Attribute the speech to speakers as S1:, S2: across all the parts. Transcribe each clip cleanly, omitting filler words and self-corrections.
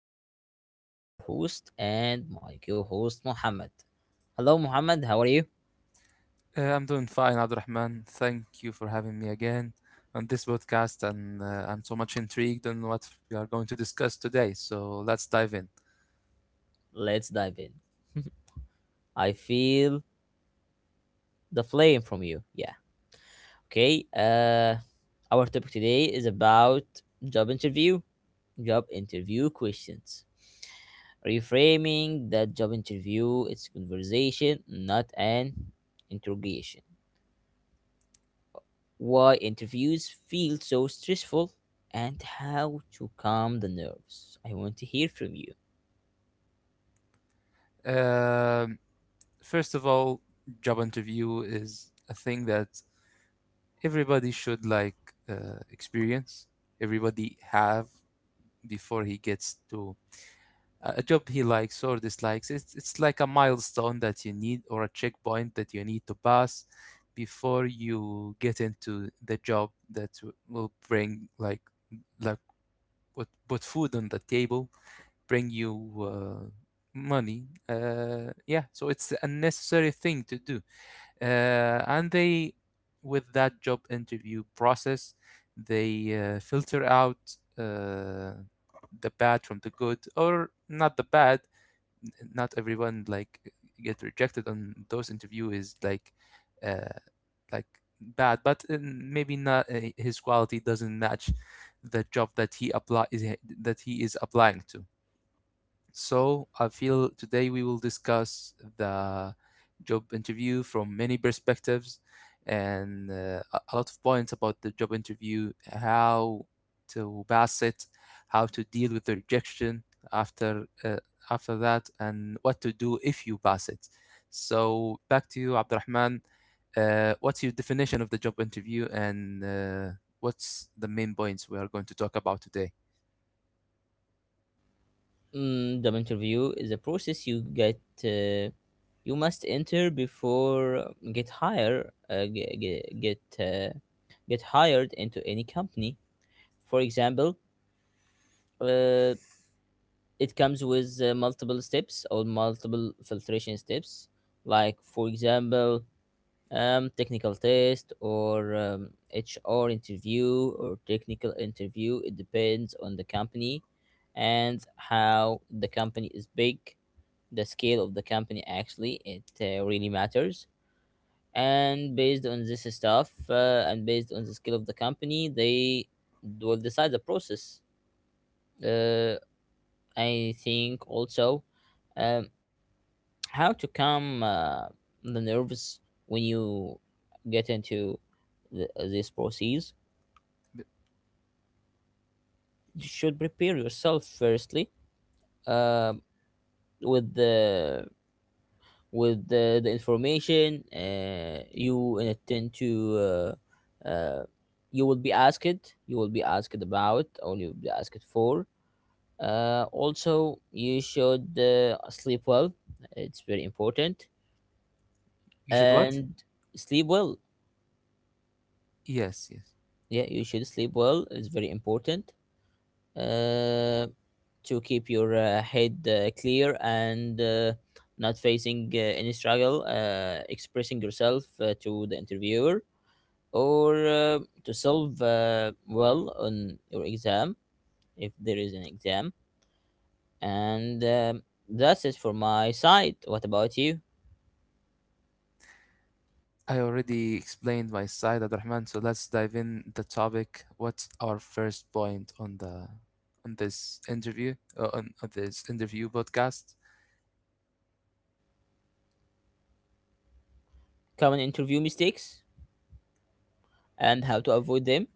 S1: am, Abdurrahman, your host, and my co host, Muhammad. Hello, Muhammad, how are you?
S2: I'm doing fine, Abdurrahman. Thank you for having me again on this podcast, and I'm so much intrigued on what we are going to discuss today. So let's dive in.
S1: Let's dive in. I feel the flame from you. Yeah. Okay. Our topic today is about job interview, job interview questions. Reframing that job interview, it's conversation, not an interrogation. Why interviews feel so stressful, and how to calm the nerves. I want to hear from you.
S2: Um, First of all, job interview is a thing that everybody should experience. Everybody have before he gets to a job he likes or dislikes. It's like a milestone that you need or a checkpoint that you need to pass before you get into the job that will bring like put food on the table, bring you uh, money. Yeah, so it's a necessary thing to do. And they with that job interview process, they filter out the bad from the good, or not the bad, not everyone like get rejected on those interview is like uh like bad but maybe not his quality doesn't match the job that he apply is that he is applying to. So I feel today we will discuss the job interview from many perspectives, and a lot of points about the job interview: how to pass it, how to deal with the rejection after uh, after that, and what to do if you pass it. So back to you, Abdurrahman. What's your definition of the job interview, and what's the main points we are going to talk about today?
S1: Mm, job interview is a process you get. You must enter before get hired. Get hired into any company. For example, uh, it comes with multiple steps or multiple filtration steps. Like for example, technical test or HR interview or technical interview. It depends on the company and how the company is big. The scale of the company actually it really matters. And based on this stuff and based on the scale of the company, they will decide the process. Uh, I think also. Um, how to calm the nerves when you get into this process. You should prepare yourself firstly, uh, with the the information you intend to, uh, uh, you will be asked about or you will be asked for. Also you should sleep well, it's very important.
S2: You should what?
S1: And sleep well.
S2: Yes, yes.
S1: Yeah, you should sleep well, it's very important uh, to keep your head clear and not facing any struggle expressing yourself to the interviewer, or to solve well on your exam if there is an exam. And That's it for my side, what about you?
S2: I already explained my side, Abdurrahman, so let's dive in the topic. What's our first point on the on this interview podcast?
S1: Common interview mistakes and how to avoid them.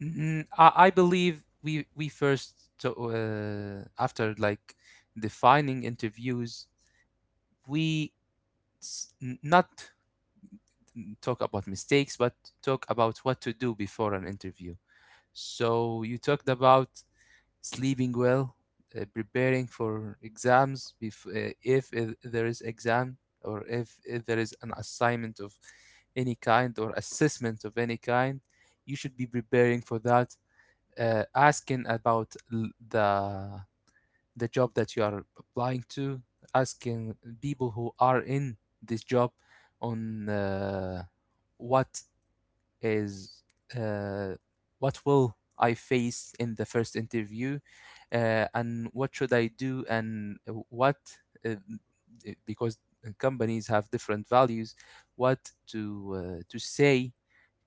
S2: I believe we first to, after like defining interviews, we not talk about mistakes, but talk about what to do before an interview. So you talked about sleeping well, preparing for exams if there is exam or if there is an assignment of any kind or assessment of any kind, you should be preparing for that. Asking about the job that you are applying to, asking people who are in this job on what is uh, what will I face in the first interview, and what should I do, and what uh, because companies have different values, what to say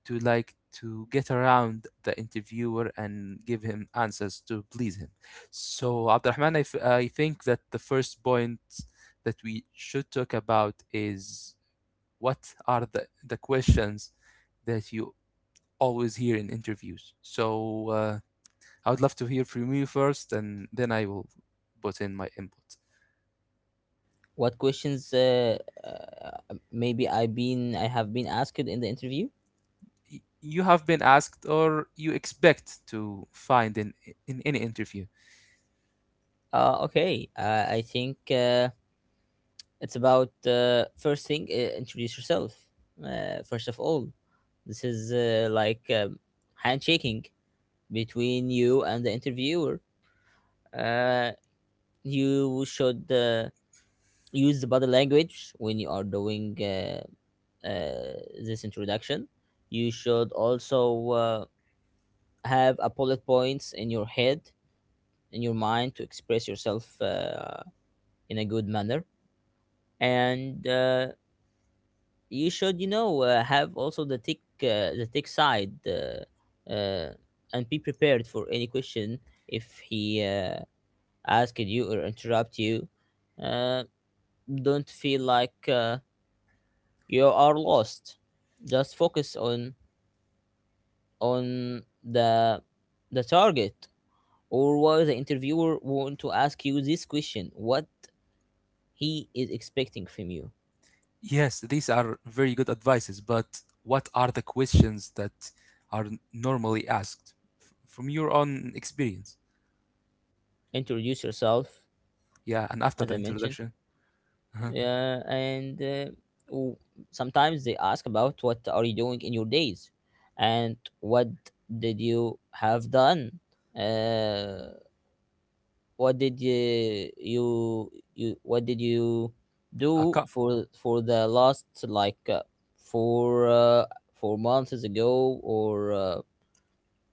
S2: to like to get around the interviewer and give him answers to please him. So Abdurrahman, I think that the first point that we should talk about is what are the questions that you always hear in interviews. So I would love to hear from you first, and then I will put in my input.
S1: What questions maybe I have been asked in the interview?
S2: You have been asked, or you expect to find in any interview.
S1: Okay, I think it's about, first thing, introduce yourself. First of all, this is like handshaking between you and the interviewer. Uh, you should use the body language when you are doing, uh, this introduction. You should also have a bullet points in your head in your mind to express yourself in a good manner, and you should you know have also the tech side, uh, and be prepared for any question. If he asks you or interrupt you, uh, don't feel like you are lost, just focus on on the the target, or what the interviewer want to ask you this question, what he is expecting from you.
S2: Yes, these are very good advices, but what are the questions that are normally asked from your own experience?
S1: Introduce yourself,
S2: Yeah, and after
S1: as
S2: the
S1: I mentioned.
S2: introduction, uh-huh.
S1: Yeah, and w- sometimes they ask about what are you doing in your days, and what did you have done, uh, what did you
S2: I
S1: do
S2: ca-
S1: for the last like for 4 months ago, or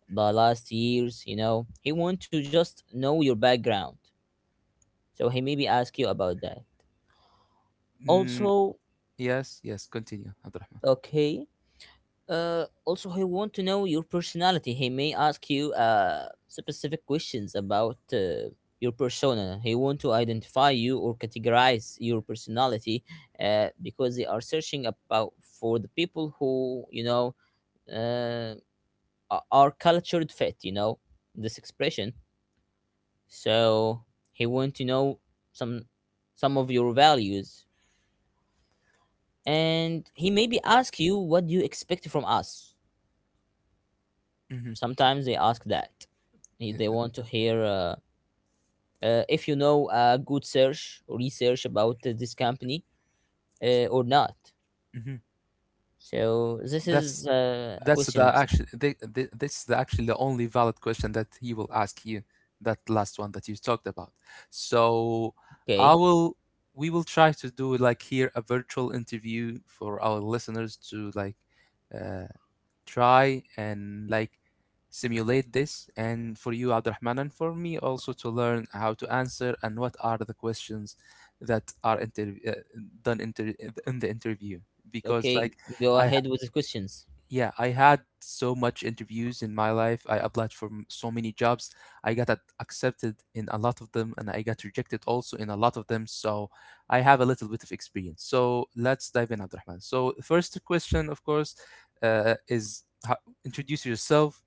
S1: the last years. You know he want to just know your background, so he maybe ask you about that
S2: mm,
S1: also.
S2: yes, yes, continue, Abdurrahman.
S1: Okay. Also, I want to know your personality. He may ask you specific questions about your persona. He want to identify you or categorize your personality because they are searching about for the people who, you know, uh, are cultured fit. You know this expression. So he want to know some some of your values, and he maybe ask you what do you expect from us. Sometimes they ask that. They
S2: Mm-hmm.
S1: want to hear if you know a good search research about this company or not. So this
S2: That's
S1: is a
S2: that's the
S1: questions.
S2: actually this is the, actually the only valid question that he will ask you. That last one that you talked about. So I
S1: Okay.
S2: will we will try to do like here a virtual interview for our listeners to uh, try and like simulate this, and for you Abdurrahman and for me also to learn how to answer and what are the questions that are done in the interview because
S1: Okay,
S2: like
S1: go
S2: I
S1: ahead with the questions.
S2: yeah, I had so much interviews in my life. I applied for so many jobs. I got accepted in a lot of them, and I got rejected also in a lot of them. So I have a little bit of experience. So let's dive in, Abdurrahman. So the first question, of course, is introduce yourself.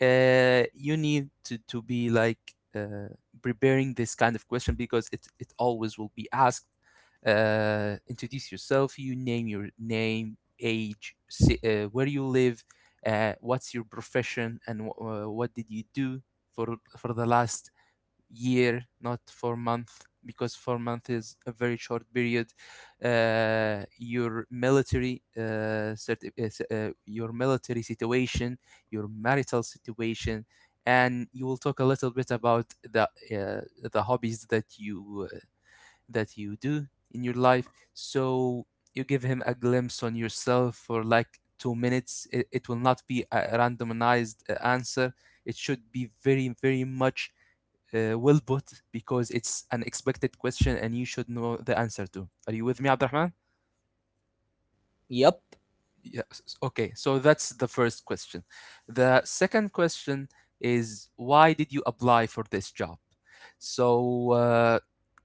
S2: You need to be preparing this kind of question because it always will be asked. Introduce yourself, you name your name, age, where you live, what's your profession, and what did you do for the last year, not for month, because 4 month is a very short period. Your your military situation, your marital situation, and you will talk a little bit about the hobbies that you do in your life. So you give him a glimpse on yourself for like 2 minutes. It will not be a randomized answer. It should be very very much well put because it's an expected question and you should know the answer to. Are you with me, Abdurrahman?
S1: Yep.
S2: Yes. Okay, so that's the first question. The second question is, why did you apply for this job? So, uh,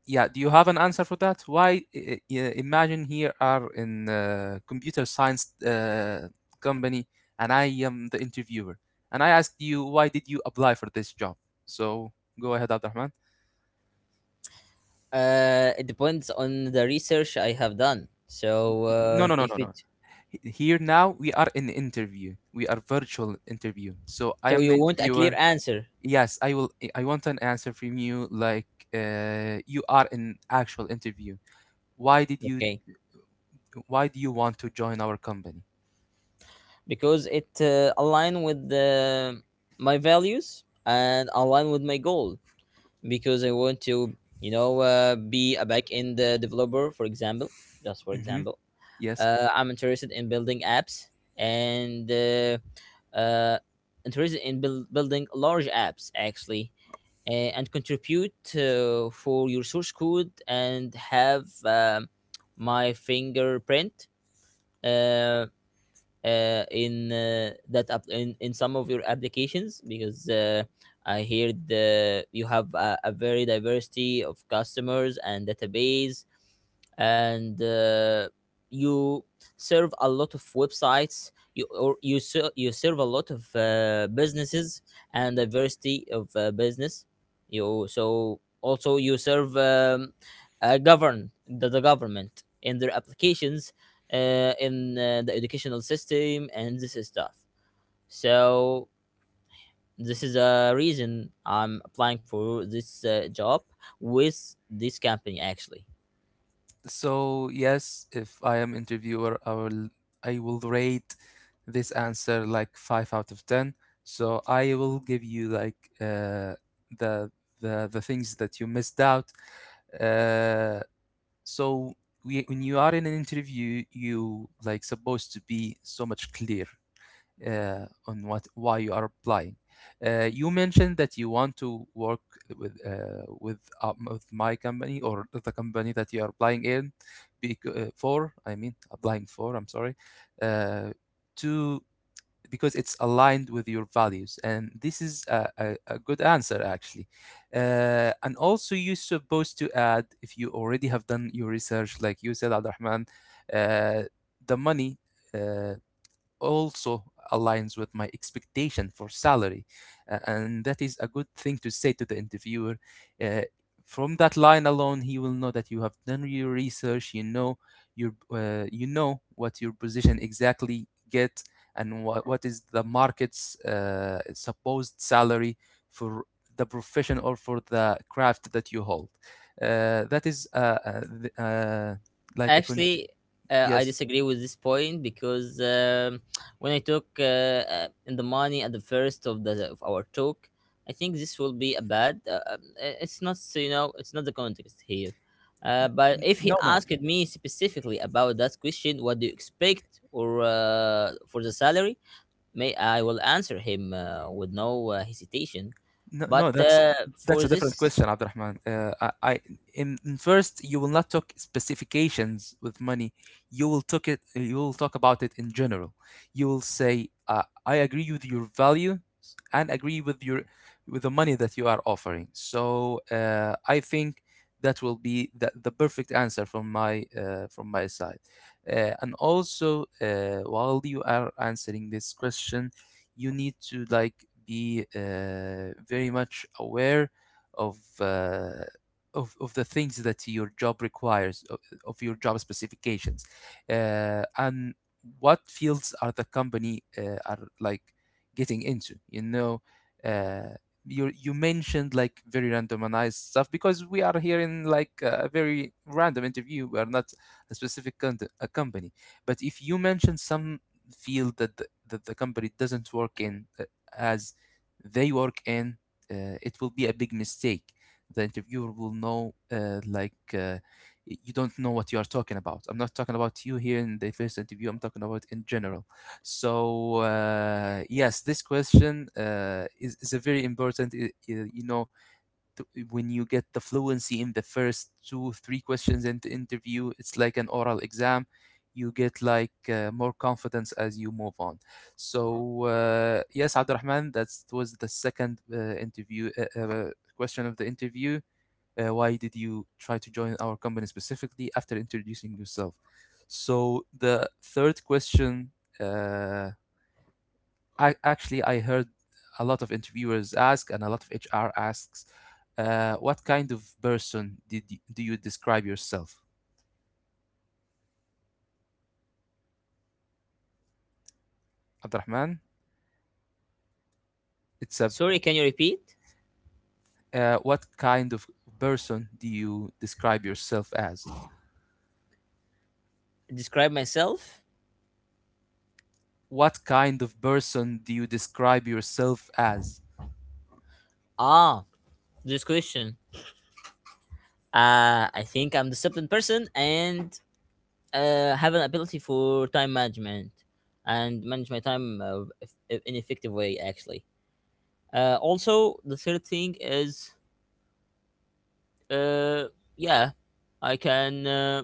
S2: yeah, do you have an answer for that? Why? Imagine here are in computer science company, and I am the interviewer, and I asked you, why did you apply for this job? So go ahead, Abdurrahman.
S1: It depends on the research I have done, so
S2: No, no, no, no,
S1: if
S2: no.
S1: it
S2: Here now we are in interview. We are virtual interview. So I
S1: so
S2: am the
S1: you want a clear
S2: interviewer.
S1: answer.
S2: Yes, I will. I want an answer from you. Like you are in actual interview. Why did you?
S1: Okay.
S2: Why do you want to join our company?
S1: Because it align with my values and align with my goal, because I want to, you know, be a back-end developer, for example. Just for
S2: Hmm.
S1: example,
S2: Yes.
S1: I'm interested in building apps, and uh, interested in building large apps actually, and contribute for your source code and have my fingerprint. Um in that app in some of your applications, because I heard you have a very diversity of customers and database, and you serve a lot of websites. You, or you you serve a lot of businesses and diversity of business. You, so also you serve govern the government in their applications, in the educational system and this is stuff. So this is a reason I'm applying for this job with this company actually.
S2: So yes, if I am interviewer, I will. I will rate this answer like 5 out of 10. So I will give you like the the things that you missed out. Uh, so we, when you are in an interview you like supposed to be so much clear on what why you are applying. You mentioned that you want to work with my company or the company that you are applying in, for, I mean, applying for, I'm sorry, uh, to because it's aligned with your values, and this is a good answer actually. And also, you're supposed to add, if you already have done your research like you said, Abdurrahman, uh, the money uh, also aligns with my expectation for salary. And that is a good thing to say to the interviewer. Uh, from that line alone, he will know that you have done your research. You know your you know what your position exactly get, and what is the market's supposed salary for the profession or for the craft that you hold. That is th- like a cont-
S1: Actually, I
S2: Yes.
S1: disagree with this point because when I talk, in the money at the first of the of our talk, I think this will be a bad. It's not so, you know, it's not the context here. But
S2: N-
S1: if he
S2: No, no,
S1: asked me specifically about that question, what do you expect or for the salary? May I will answer him with no hesitation.
S2: No,
S1: But
S2: no,
S1: for
S2: that's a different
S1: this,
S2: question, Abdurrahman. In first you will not talk specifications with money. You will talk it. You will talk about it in general. You will say, "I agree with your value and agree with your with the money that you are offering." So I think that will be the perfect answer from my side. And also, while you are answering this question, you need to like be very much aware of uh, of the things that your job requires of your job specifications, and what fields are the company are like getting into, you know. uh, you mentioned like very randomized stuff because we are here in like a very random interview, we are not a specific a company. But if you mention some field that that the company doesn't work in, as they work in, it will be a big mistake. The interviewer will know, you don't know what you are talking about. I'm not talking about you here in the first interview, I'm talking about in general. Yes, this question is a very important, you know, when you get the fluency in the first 2 3 questions in the interview it's like an oral exam, you get more confidence as you move on. Yes, Abdurrahman, that was the second interview question of the interview: why did you try to join our company specifically after introducing yourself. So the third question, uh, I heard a lot of interviewers ask and a lot of HR asks, what kind of person do you describe yourself, Abdurrahman? It's a
S1: sorry, can you repeat?
S2: what kind of person do you describe yourself as?
S1: Describe myself.
S2: What kind of person do you describe yourself as?
S1: Ah, this question. I think I'm disciplined person and have an ability for time management and manage my time in effective way actually. Also, the third thing is, uh, yeah, I can uh,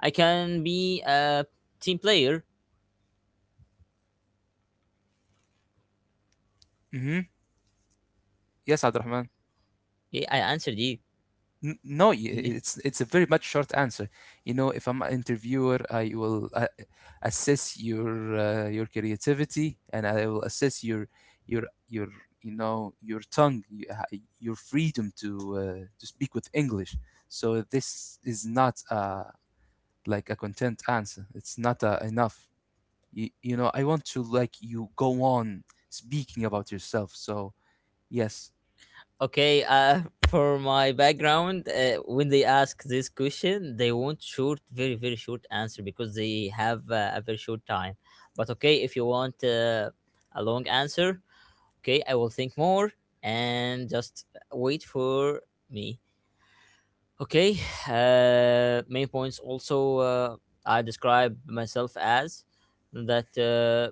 S1: I can be a team player.
S2: Mm-hmm. Yes, Abdurrahman.
S1: Yeah, I answered you.
S2: N- No, y-
S1: Yeah.
S2: It's a very much short answer. You know, if I'm an interviewer, I will assess your creativity, and I will assess your your you know your tongue, your freedom to speak with English. So this is not like a content answer. It's not enough. You know, I want to like you go on speaking about yourself. So yes.
S1: Okay, for my background, when they ask this question, they want short, very, very short answer because they have a very short time. But okay, if you want a long answer, okay, I will think more and just wait for me. Okay, main points also, I describe myself as that.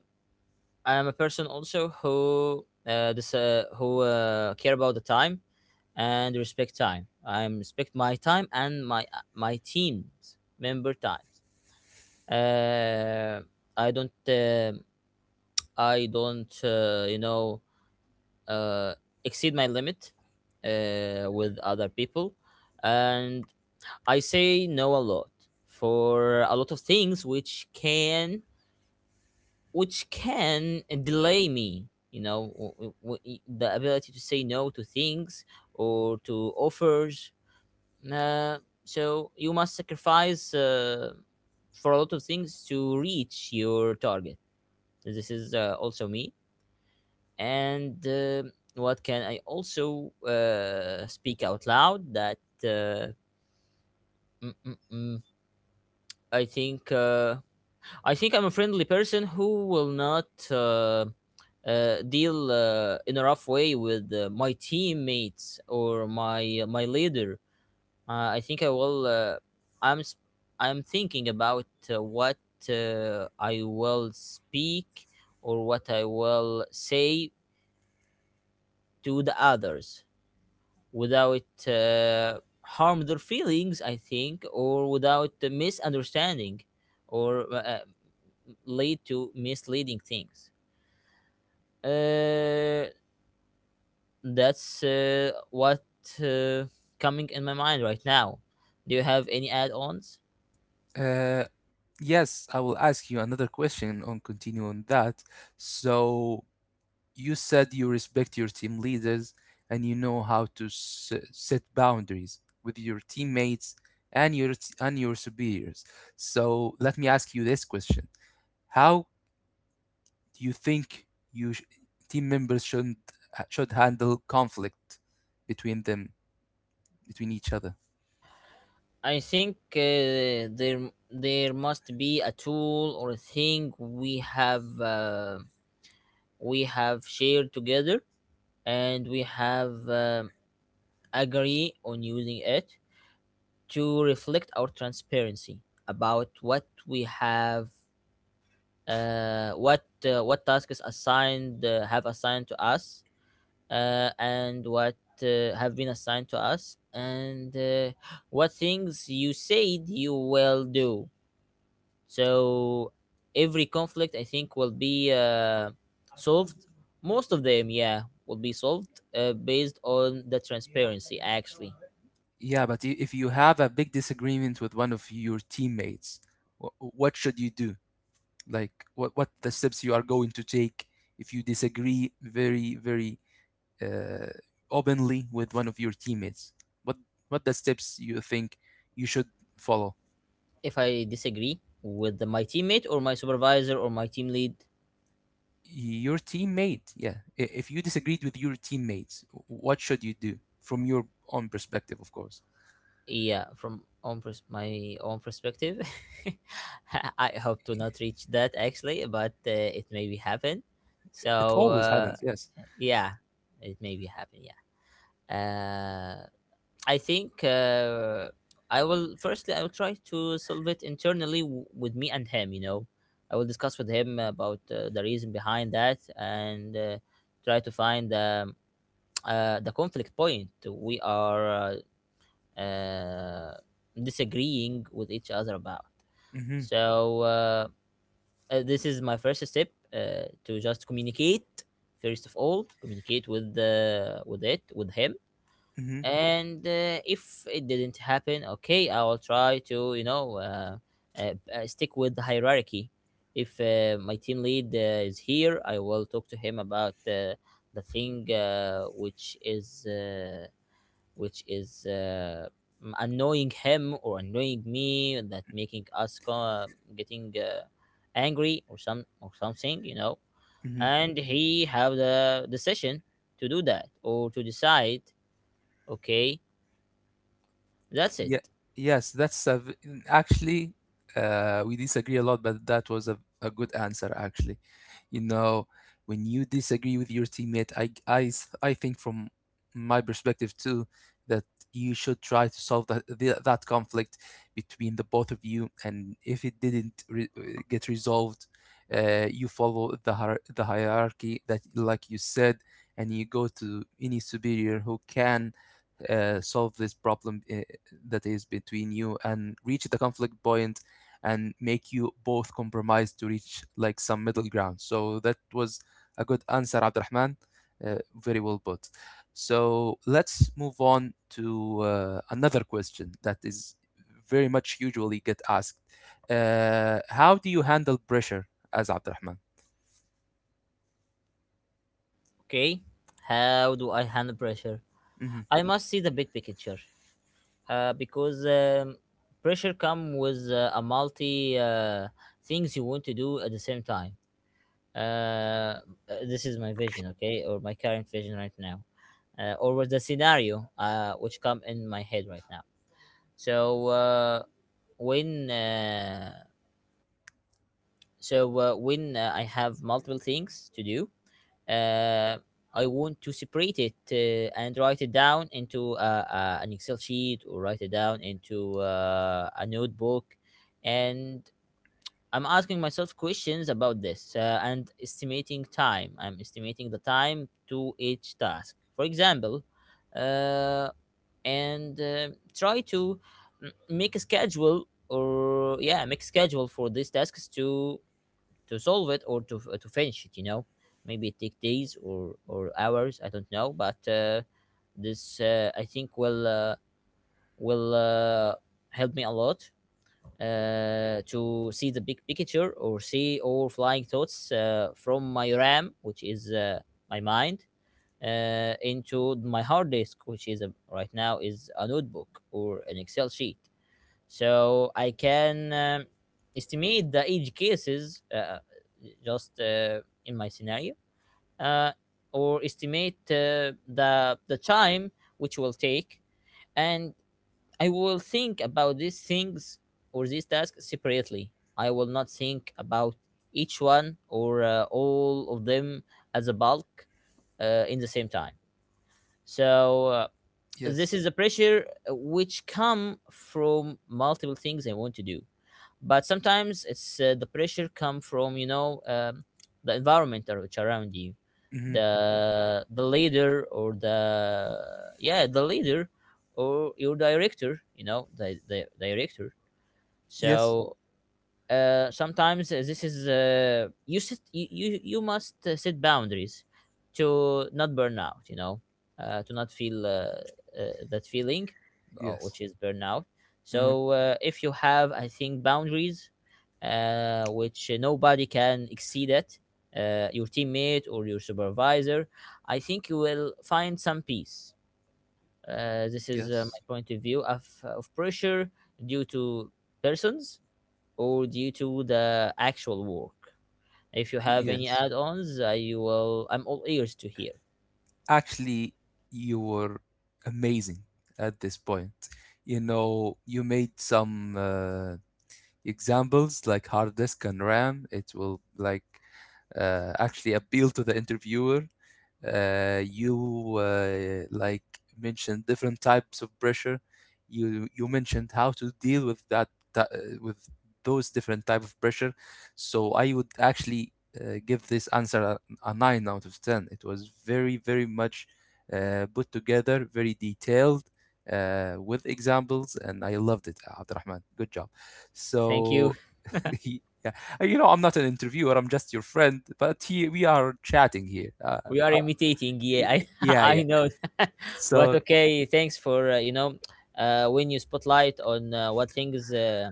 S1: I am a person also who this who care about the time and respect time. I respect my time and my team's member times. Uh, I don't uh, I don't you know uh, exceed my limit with other people, and I say no a lot for a lot of things which can delay me, you know, the ability to say no to things or to offers. uh, so you must sacrifice for a lot of things to reach your target. This is also me. And what can I also speak out loud that, uh, mm, mm, mm, I think I'm a friendly person who will not deal in a rough way with my teammates or my my leader. Uh, I think I will. Uh, I'm s- I'm thinking about what I will speak or what I will say to the others without harm their feelings. I think, or without the misunderstanding, or lead to misleading things. Uh, that's what uh, coming in my mind right now. Do you have any add-ons?
S2: Uh, Yes, I will ask you another question on continuing on that. So you said you respect your team leaders and you know how to s set boundaries with your teammates and your superiors. So let me ask you this question. How do you think you sh team members shouldn't should handle conflict between them, between each other?
S1: I think there must be a tool or a thing we have, we have shared together, and we have agree on using it to reflect our transparency about what we have, what tasks assigned have assigned to us, and what have been assigned to us, and what things you said you will do. So every conflict I think will be solved, most of them, yeah, will be solved based on the transparency actually.
S2: Yeah, but if you have a big disagreement with one of your teammates, what should you do? Like what the steps you are going to take if you disagree very very uh, openly with one of your teammates. what what the steps you think you should follow.
S1: If I disagree with my teammate or my supervisor or my team lead,
S2: Your teammate, yeah, if you disagreed with your teammates, what should you do from your own perspective, of course.
S1: yeah, from my own perspective, I hope to not reach that actually, but it may be happen.
S2: It
S1: So
S2: always happens, yes.
S1: yeah, it may be happen. Yeah, uh, I think I will. Firstly, I will try to solve it internally with me and him. You know, I will discuss with him about the reason behind that, and try to find. The conflict point we are uh, uh, disagreeing with each other about.
S2: Mm-hmm.
S1: So this is my first step to just communicate. First of all, communicate with the with it with him,
S2: Mm-hmm.
S1: and if it didn't happen, okay, I will try to you know stick with the hierarchy. If my team lead is here, I will talk to him about the thing which is. Which is annoying him or annoying me, that making us getting angry or something.
S2: Mm-hmm.
S1: And he have the decision to do that or to decide. Okay, that's it.
S2: Yeah, yes, actually we disagree a lot, but that was a good answer actually. You know, when you disagree with your teammate, I think from my perspective too that you should try to solve that conflict between the both of you, and if it didn't get resolved, you follow the the hierarchy, that, like you said, and you go to any superior who can solve this problem that is between you, and reach the conflict point and make you both compromise to reach like some middle ground. So that was a good answer, Abdurrahman. Very well put. So let's move on to another question that is very much usually get asked. How do you handle pressure as Abdurrahman?
S1: Okay, how do I handle pressure?
S2: Mm-hmm.
S1: I must see the big picture, because pressure come with a multi things you want to do at the same time. uh, uh, this is my vision, okay, or my current vision right now, or was the scenario which come in my head right now. So uh, when uh, so uh, when I have multiple things to do, uh, I want to separate it and write it down into an Excel sheet, or write it down into a notebook. And I'm asking myself questions about this, and estimating time. I'm estimating the time to each task. For example, uh, and try to mm, make a schedule or yeah, make a schedule for these tasks to solve it or to finish it. You know, maybe it take days or hours. I don't know, but this I think will will uh, help me a lot to see the big picture or see all flying thoughts from my RAM, which is my mind, into my hard disk, which is right now is a notebook or an Excel sheet. So I can estimate the edge cases, just in my scenario, uh, or estimate the time which will take. And I will think about these things or these tasks separately. I will not think about each one or all of them as a bulk in the same time. So this
S2: Yes.
S1: is the pressure which come from multiple things I want to do. But sometimes it's the pressure come from, you know, the environment which around you,
S2: Mm-hmm.
S1: the leader or the, yeah, the leader, or your director, you know, the director.
S2: Yes.
S1: So sometimes this is, you sit you, you must set boundaries to not burn out, you know, to not feel that feeling
S2: Yes.
S1: which is burnout.
S2: Mm-hmm.
S1: So if you have, I think, boundaries which nobody can exceed it, your teammate or your supervisor, I think you will find some peace. This is
S2: Yes.
S1: my point of view of pressure, due to persons or due to the actual work. If you have any
S2: Yes.
S1: add-ons, I will. I'm all ears to hear.
S2: Actually, you were amazing at this point. You know, you made some examples like hard disk and RAM. It will like actually appeal to the interviewer. You Like, mentioned different types of pressure, you mentioned how to deal with that, with those different type of pressure. So I would actually give this answer a 9 out of 10. It was very very much put together, very detailed, with examples, and I loved it, Abdurrahman. Good job.
S1: Thank you.
S2: So yeah, you know, I'm not an interviewer, I'm just your friend, but we are chatting here.
S1: We are imitating. Yeah, I
S2: Yeah,
S1: I
S2: yeah.
S1: know that. But
S2: So,
S1: okay. Thanks for, you know, when you spotlight on what things uh,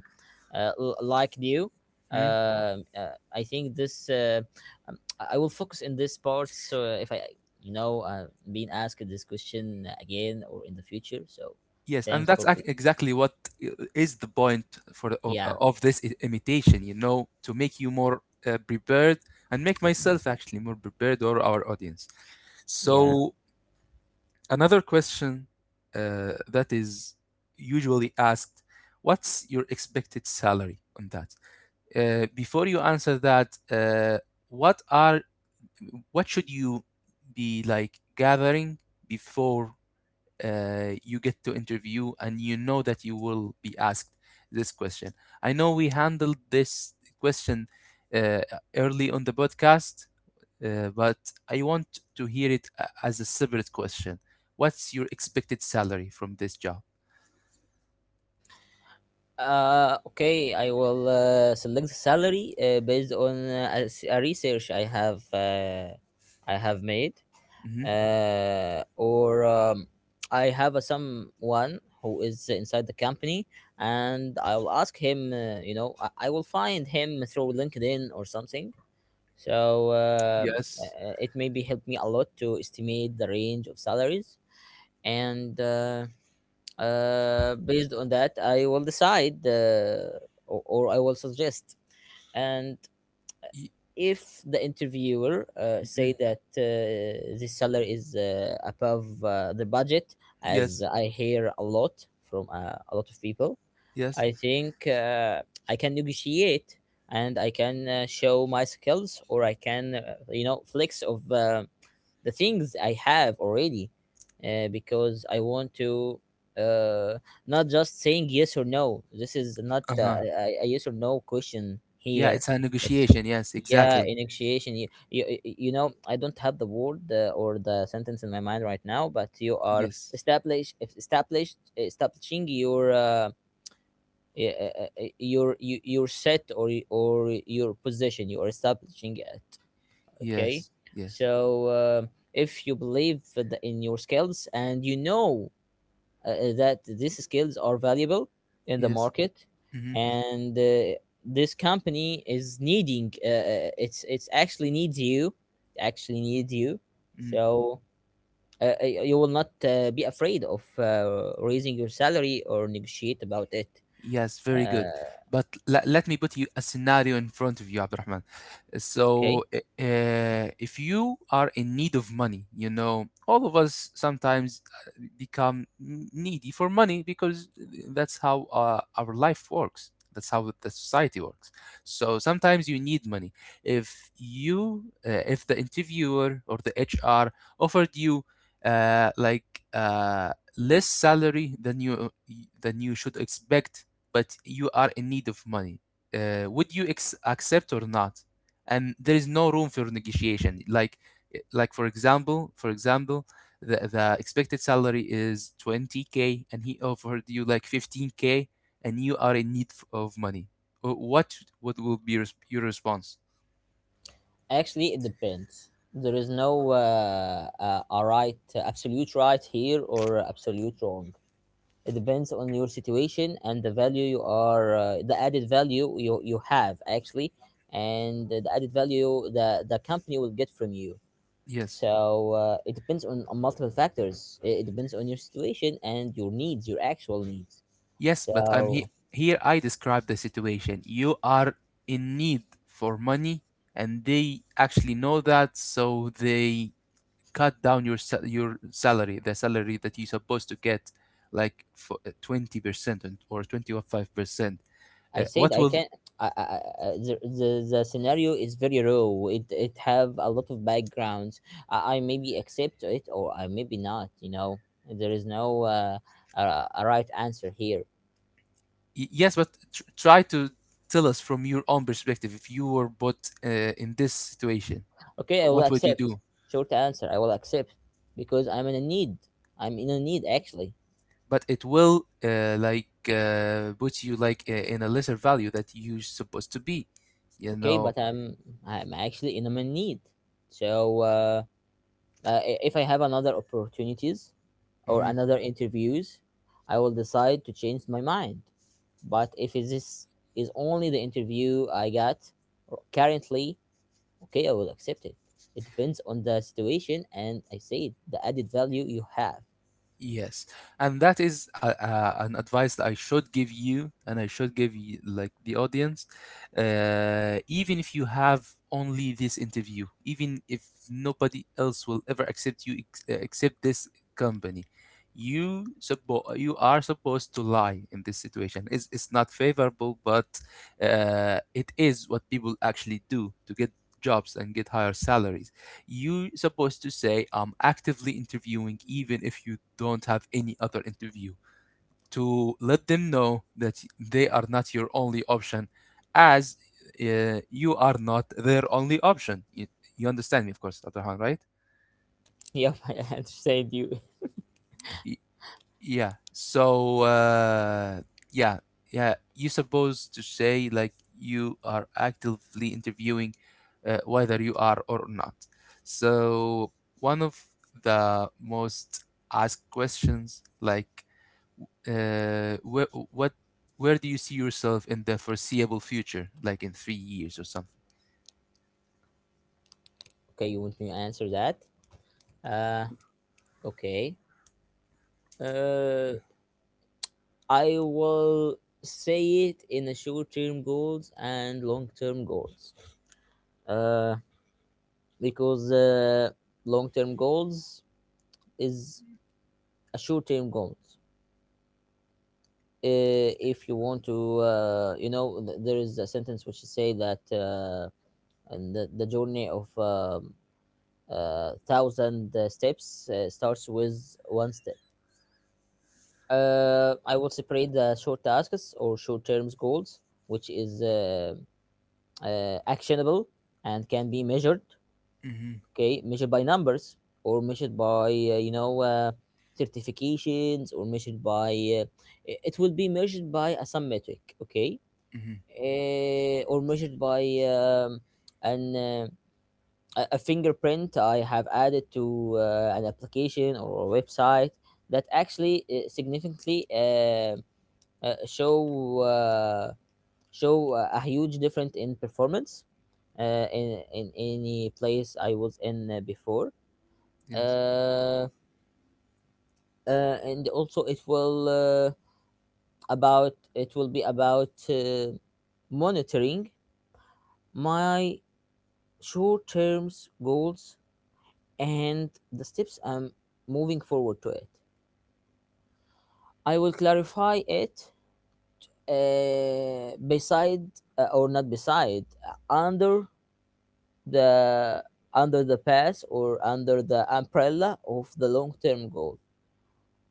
S1: uh, l- like you.
S2: mhm.
S1: I think this. I will focus in this part. So if I, you know, being asked this question again or in the future, so
S2: Yes,
S1: thanks
S2: and that's
S1: for. cl-
S2: exactly what is the point for
S1: Yeah,
S2: of this imitation, you know, to make you more prepared and make
S1: yeah,
S2: myself actually more prepared, or our audience.
S1: yeah.
S2: So, another question that is usually asked, what's your expected salary on that? Before you answer that, what are, what should you be like gathering before you get to interview and you know that you will be asked this question. I know we handled this question, uh, early on the podcast, but I want to hear it as a separate question. What's your expected salary from this job?
S1: Okay, I will select the salary based on a research I have made,
S2: Hmm.
S1: or I have a someone who is inside the company, and I'll ask him. You know, I will find him through LinkedIn or something. So
S2: Yes.
S1: it maybe helped me a lot to estimate the range of salaries and based on that I will decide or or I will suggest. And
S2: Y-
S1: if the interviewer
S2: mhm.
S1: say that the salary is above the budget, as
S2: Yes.
S1: I hear a lot from a lot of people,
S2: Yes.
S1: I think I can negotiate, and I can show my skills, or I can, you know, flex of the things I have already, because I want to uh, not just saying yes or no. This is not
S2: Uh-huh.
S1: a yes or no question
S2: Yeah,
S1: here.
S2: it's a
S1: It's,
S2: negotiation. Yes,
S1: yeah,
S2: exactly.
S1: in negotiation. You you know, I don't have the word or the sentence in my mind right now, but you are
S2: Yes.
S1: establishing your, yeah, your your set, or or your position, you are establishing it. Okay,
S2: Yes. Yes.
S1: so if you believe in your skills, and you know that these skills are valuable in the
S2: Yes.
S1: market,
S2: Mm-hmm.
S1: and this company is needing, it's actually needs you, actually needs you.
S2: Mm-hmm.
S1: So you will not be afraid of raising your salary or negotiate about it.
S2: Yes, very good.
S1: uh,
S2: But let me put you a scenario in front of you, Abdurrahman.
S1: okay.
S2: So, if you are in need of money, you know, all of us sometimes become needy for money, because eh, that's how our life works. That's how the society works. So sometimes you need money. If you, if the interviewer or the HR offered you less salary than you, than you should expect, but you are in need of money. Would you accept or not? And there is no room for negotiation. Like for example, the expected salary is 20k, and he offered you like 15k, and you are in need of money. What what will be your response?
S1: Actually, it depends. There is no a right, absolute right here or absolute wrong. It depends on your situation and the value you are, the added value you, you have actually, and the added value that the company will get from you.
S2: Yes,
S1: So it depends on multiple factors. It depends on your situation and your needs, your actual needs.
S2: yes, but I'm
S1: So
S2: here, I describe the situation. You are in need for money, and they actually know that, so they cut down your salary, the salary that you're supposed to get, like for 20% or 20 or 5%.
S1: I said
S2: What
S1: I
S2: will,
S1: can. I, I, I- the, the scenario is very raw. It have a lot of backgrounds. I maybe accept it or I maybe not. You know, there is no a, a right answer here.
S2: yes, but try to tell us from your own perspective. If you were put in this situation,
S1: Okay, I will
S2: what would you
S1: accept.
S2: do?
S1: Short answer, I will accept because I'm in a need. I'm in a need actually.
S2: But it will put you like in a lesser value that you're supposed to be. You
S1: Okay,
S2: know.
S1: but I'm actually in a need. So if I have another opportunities or
S2: Mhm.
S1: another interviews, I will decide to change my mind. But if this is only the interview I got currently, okay, I will accept it. It depends on the situation, and I said the added value you have.
S2: Yes, and that is an advice that I should give you, and I should give you, like, the audience. Even if you have only this interview, even if nobody else will ever accept you except this company, you are supposed to lie in this situation. It's not favorable, but it is what people actually do to get jobs and get higher salaries. You supposed to say I'm actively interviewing, even if you don't have any other interview, to let them know that they are not your only option, as you are not their only option. You understand me, of course, Dr. Han, right?
S1: Yep, I understand you.
S2: Y- Yeah. So, yeah, yeah. You're supposed to say like you are actively interviewing, whether you are or not. So, one of the most asked questions, like, where, what, where do you see yourself in the foreseeable future, like in 3 years or something?
S1: Okay, you want me to answer that. uh okay uh I will say it in the short term goals and long term goals, uh because long-term goals is a short-term goal. If you want to, you know, there is a sentence which say that, and the journey of thousand steps starts with one step. I will separate the short tasks or short-term goals, which is actionable and can be measured.
S2: Mm-hmm.
S1: Okay, measured by numbers, or measured by, you know, certifications, or measured by uh, it will be measured by a some metric, okay,
S2: Mm-hmm.
S1: or measured by an a fingerprint I have added to an application or a website that actually significantly, uh, show uh, show a huge difference in performance in any place I was in before.
S2: Yes.
S1: uh, and also it will about it will be about monitoring my short term goals and the steps I'm moving forward to it. I will clarify it beside or not beside under the, under the pass, or under the umbrella of the long term goal.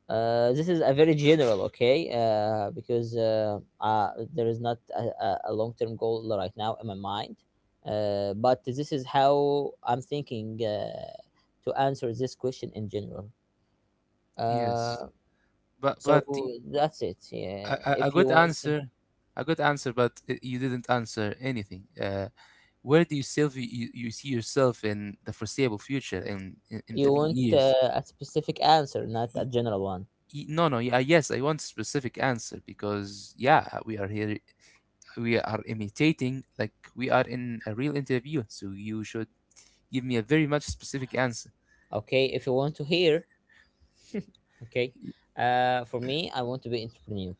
S1: This is a very general, okay? Because there is not a a long-term goal right now in my mind. But this is how I'm thinking to answer this question in general.
S2: Yes.
S1: Uh, so
S2: But the.
S1: that's it.
S2: A,
S1: Yeah. If you want,
S2: a good answer, but you didn't answer anything. Where do you self? You see yourself in the foreseeable future in
S1: you
S2: three
S1: want
S2: years?
S1: a specific answer, not a
S2: Y-
S1: general one.
S2: No, no, yeah, yes, I want specific answer, because yeah, we are here, we are imitating like we are in a real interview, so you should give me a very much specific answer.
S1: Okay. If you want to hear, okay.
S2: Y-
S1: For me, I want to be entrepreneur.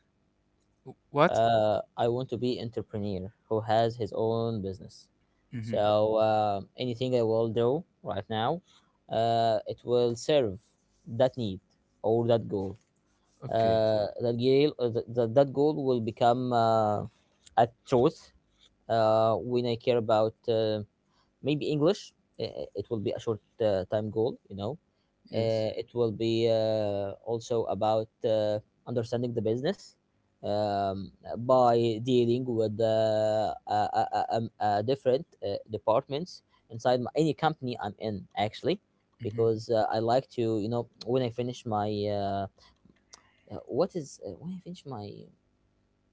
S2: What?
S1: Uh, I want to be entrepreneur who has his own business.
S2: Mm-hmm.
S1: So anything I will do right now, it will serve that need or that goal.
S2: Okay.
S1: Uh, that goal will become a truth when I care about, maybe English. It will be a short time goal, you know,
S2: Yes.
S1: it will be also about understanding the business, um, by dealing with a different departments inside my, any company I'm in actually,
S2: Mm-hmm.
S1: because I like to, you know, when I finish my what is when I finish my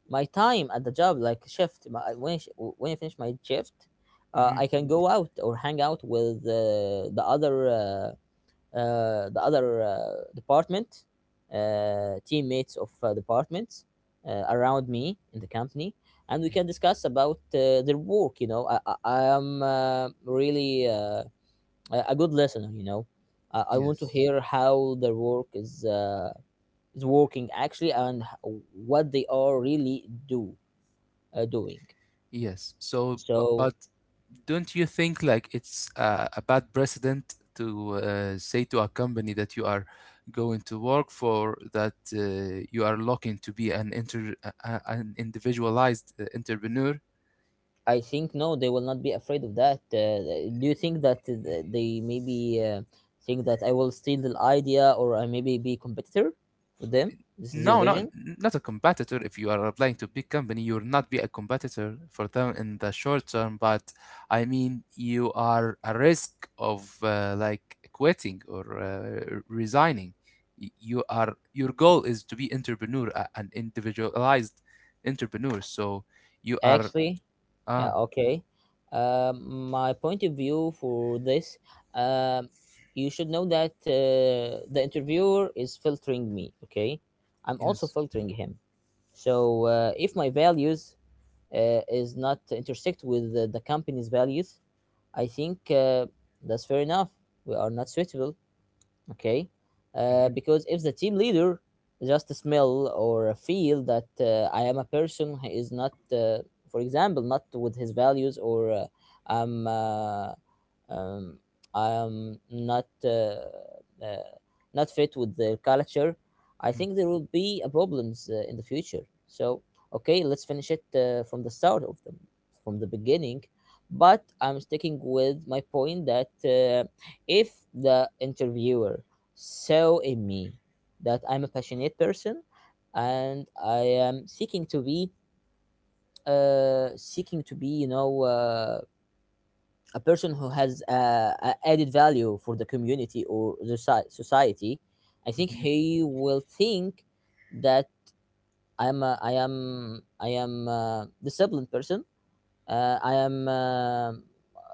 S1: my time at the job like when I, when I finish my shift,
S2: Mm-hmm.
S1: I can go out or hang out with the other department, teammates of departments around me in the company, and we can discuss about their work. You know, I am really a good listener. You know, I want to
S2: Yes.
S1: hear how their work is working actually, and what they are really do doing.
S2: Yes. So, but
S1: So
S2: don't you think like it's a bad precedent to say to a company that you are going to work for that you are looking to be an inter an individualized entrepreneur?
S1: I think no, they will not be afraid of that. Do you think that they maybe think that I will steal the idea, or I maybe be competitor with them? This is your
S2: No, not
S1: vision,
S2: not a competitor. If you are applying to big company, you will not be a competitor for them in the short term. But I mean, you are a risk of like quitting or resigning. You are, your goal is to be entrepreneur, an individualized entrepreneur. So you are
S1: actually. Yeah,
S2: ah,
S1: okay. My point of view for this, um, you should know that the interviewer is filtering me. Okay, I'm also
S2: yes,
S1: filtering him. So if my values is not intersect with the company's values, I think that's fair enough. We are not suitable, okay? Because if the team leader just smell or feel that I am a person who is not, for example, not with his values, or I'm uh, um, I am not uh, not fit with their culture, I
S2: mm,
S1: think there will be problems in the future. So okay, let's finish it from the start of them, from the beginning. But I'm sticking with my point that if the interviewer saw in me that I'm a passionate person and I am seeking to be uh, seeking to be. A person who has a added value for the community or the society. I think
S2: mhm,
S1: he will think that i'm a, i am I am a disciplined person. I am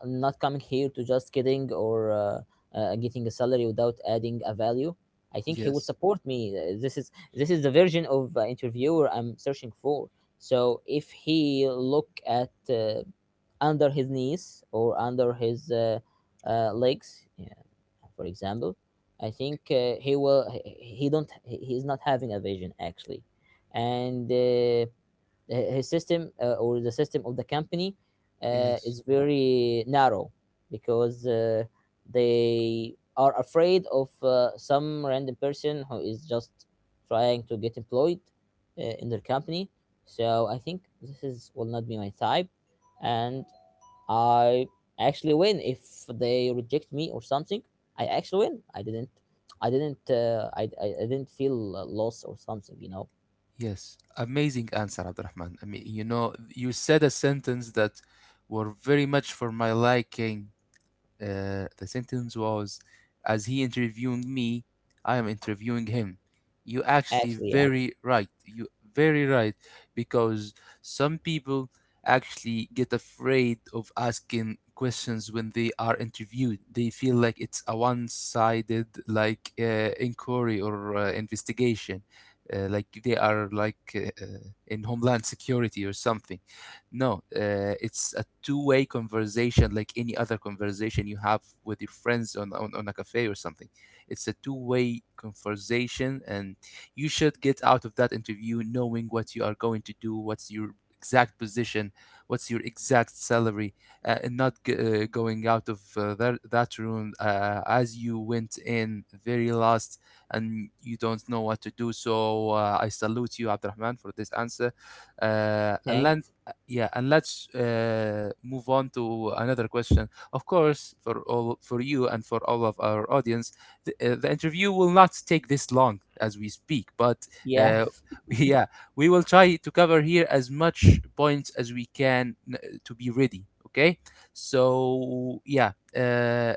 S1: not coming here to just kidding or getting a salary without adding a value. I think he would
S2: yes,
S1: support me. This is the version of interviewer I'm searching for. So if he look at under his knees or under his legs, yeah, for example, I think he will. He don't. He not having a vision actually. And. His system or the system of the company
S2: yes.
S1: is very narrow because they are afraid of some random person who is just trying to get employed in their company. So I think this is will not be my type, and I actually win if they reject me or something. I actually win. I didn't feel loss or something. You know.
S2: Yes, amazing answer, Abdurrahman. I mean, you know, you said a sentence that were very much for my liking. The sentence was, "As he interviewing me, I am interviewing him." You actually
S1: Actually, yeah.
S2: very right. You very right, because some people actually get afraid of asking questions when they are interviewed. They feel like it's a one-sided like inquiry or investigation, like they are like in Homeland Security or something. No, it's a two-way conversation, like any other conversation you have with your friends on a cafe or something. It's a two-way conversation, and you should get out of that interview knowing what you are going to do, what's your exact position, what's your exact salary, and not going out of that room as you went in very last, and you don't know what to do. So I salute you, Abdurrahman, for this answer. And
S1: Thanks.
S2: yeah, and let's move on to another question, of course, for all, for you and for all of our audience. The, the interview will not take this long as we speak, but
S1: Yeah.
S2: uh, yeah, we will try to cover here as much points as we can to be ready, okay? So yeah,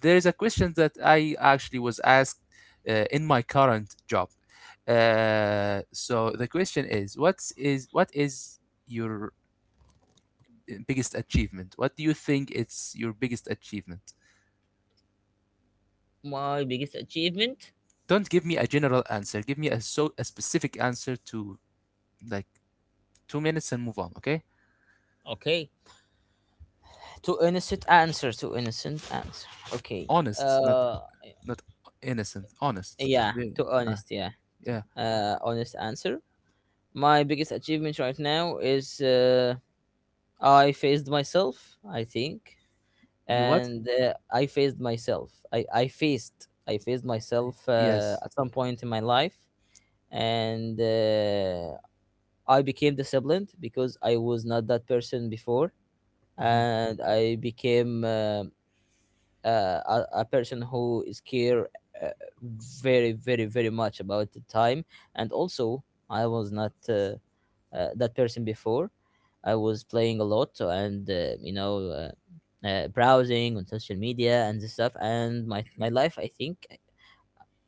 S2: there is a question that I actually was asked in my current job. So the question is, what is your biggest achievement? What do you think it's your biggest achievement?
S1: My biggest achievement?
S2: Don't give me a general answer. Give me a so a specific answer to like 2 minutes and move on. Okay,
S1: Okay. Too innocent answer. Too innocent answer. Okay.
S2: honest, not
S1: Uh,
S2: not innocent. Honest.
S1: yeah. Too
S2: Uh,
S1: honest. Yeah.
S2: yeah.
S1: Honest answer. My biggest achievement right now is I faced myself. I think,
S2: You what?
S1: and I faced myself. I faced myself
S2: Yes.
S1: at some point in my life, and I became disciplined because I was not that person before,
S2: Mhm.
S1: and I became. A person who is care uh, very very very much about the time, and also I was not that person before. I was playing a lot and browsing on social media and this stuff. And my
S2: Mhm.
S1: my life, I think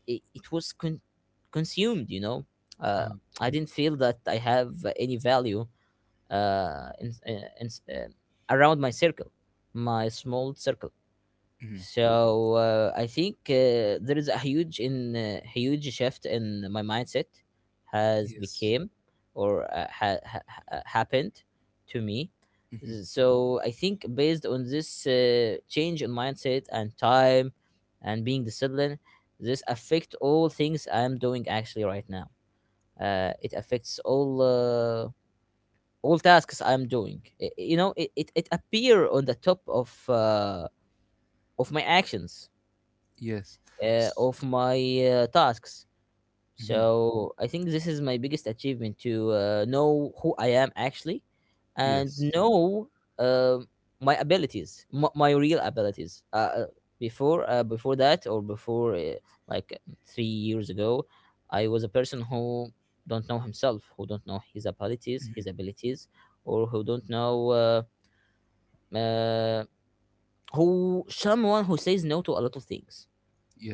S1: it was consumed, uh,
S2: uh,
S1: I didn't feel that I have any value uh, in, in, in, uh, around my circle, my small circle.
S2: mhm.
S1: So I think there is a huge in huge shift in my mindset has
S2: Yes.
S1: became or happened to me.
S2: Mhm.
S1: So I think based on this change in mindset and time and being disciplined, this affect all things I'm doing actually right now. It affects all tasks I'm doing. You know, it appear on the top of my actions
S2: Yes. S-
S1: of my tasks.
S2: mhm.
S1: So I think this is my biggest achievement, to know who I am actually and
S2: Yes.
S1: know um my abilities, my real abilities. Before that or before like 3 years ago, I was a person who don't know himself, who don't know his abilities,
S2: Mhm.
S1: his abilities, or who don't know uh, who someone who says no to a lot of things.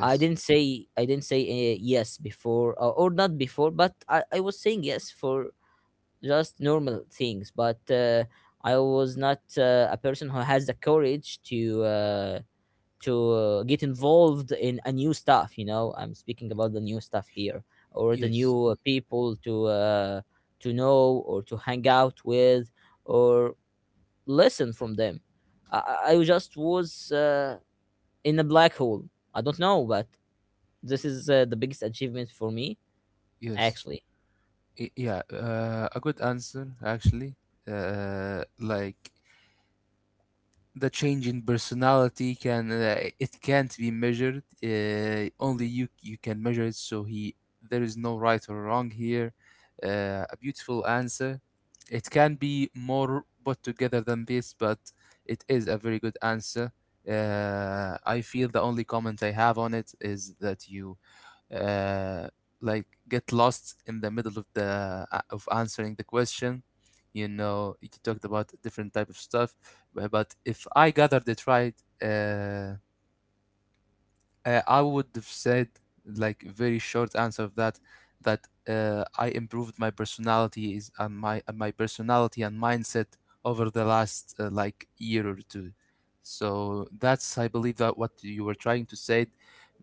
S1: I didn't say I didn't say yes before or not before, but I was saying yes for just normal things. But I was not a person who has the courage to get involved in a new stuff. You know, I'm speaking about the new stuff here, or the
S2: Yes.
S1: new people to know or to hang out with or listen from them. I just was in a black hole. I don't know, but this is the biggest achievement for me,
S2: Yes.
S1: actually.
S2: Yeah. A good answer actually. Like, the change in personality can, it can't be measured, only you you can measure it, so he there is no right or wrong here. Uh, a beautiful answer. It can be more put together than this, but it is a very good answer. Uh, I feel the only comment I have on it is that you uh, like get lost in the middle of the of answering the question. You know, you talked about different type of stuff, but if I gathered it right, uh, I would have said, like, very short answer of that, that I improved my personality and mindset over the last like year or two. So that's, I believe, that what you were trying to say.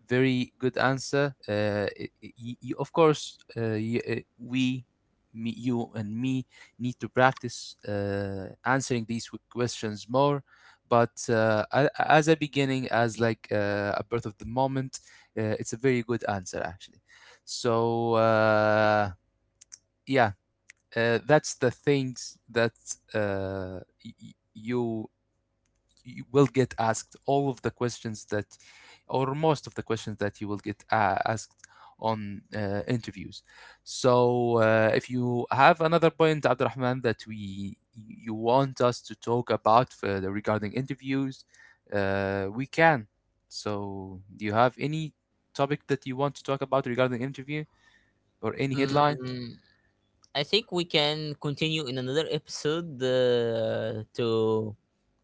S2: Very good answer. Of course, we, me, you, and me need to practice answering these questions more, but as a beginning, as like a birth of the moment, it's a very good answer actually. So yeah, that's the things that you you will get asked all of the questions that, or most of the questions that you will get asked on interviews. So if you have another point, Abdurrahman, that we you want us to talk about further regarding interviews, we can. So do you have any topic that you want to talk about regarding interview or any headline?
S1: Mm, I think we can continue in another episode to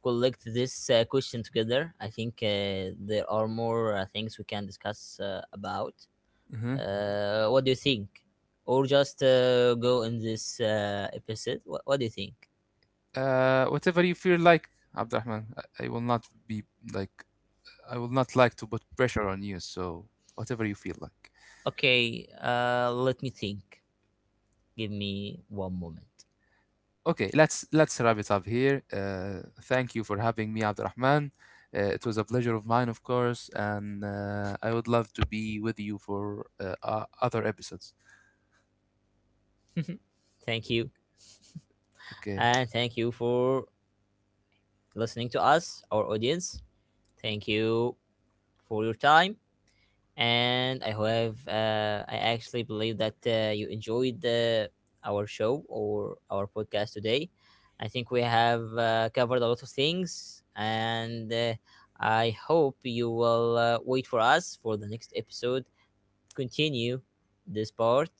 S1: collect this question together. I think there are more things we can discuss about.
S2: Mhm.
S1: What do you think? Or just go in this episode? What do you think?
S2: Whatever you feel like, Abdurrahman. I will not be like, I would not like to put pressure on you, so whatever you feel like.
S1: Okay, let me think. Give me one moment.
S2: Okay, let's wrap it up here. Thank you for having me, Abdurrahman. It was a pleasure of mine, of course, and I would love to be with you for o- other episodes.
S1: Thank you.
S2: Okay.
S1: And thank you for listening to us, our audience. Thank you for your time. And I have, I actually believe that you enjoyed our show or our podcast today. I think we have covered a lot of things, and I hope you will wait for us for the next episode. Continue this part.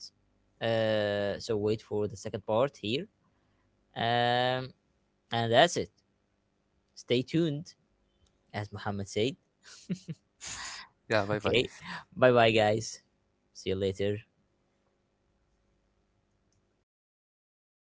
S1: So wait for the second part here. Um, and that's it. Stay tuned, as Muhammad said.
S2: yeah, bye bye.
S1: Okay. Bye bye, guys. See you later.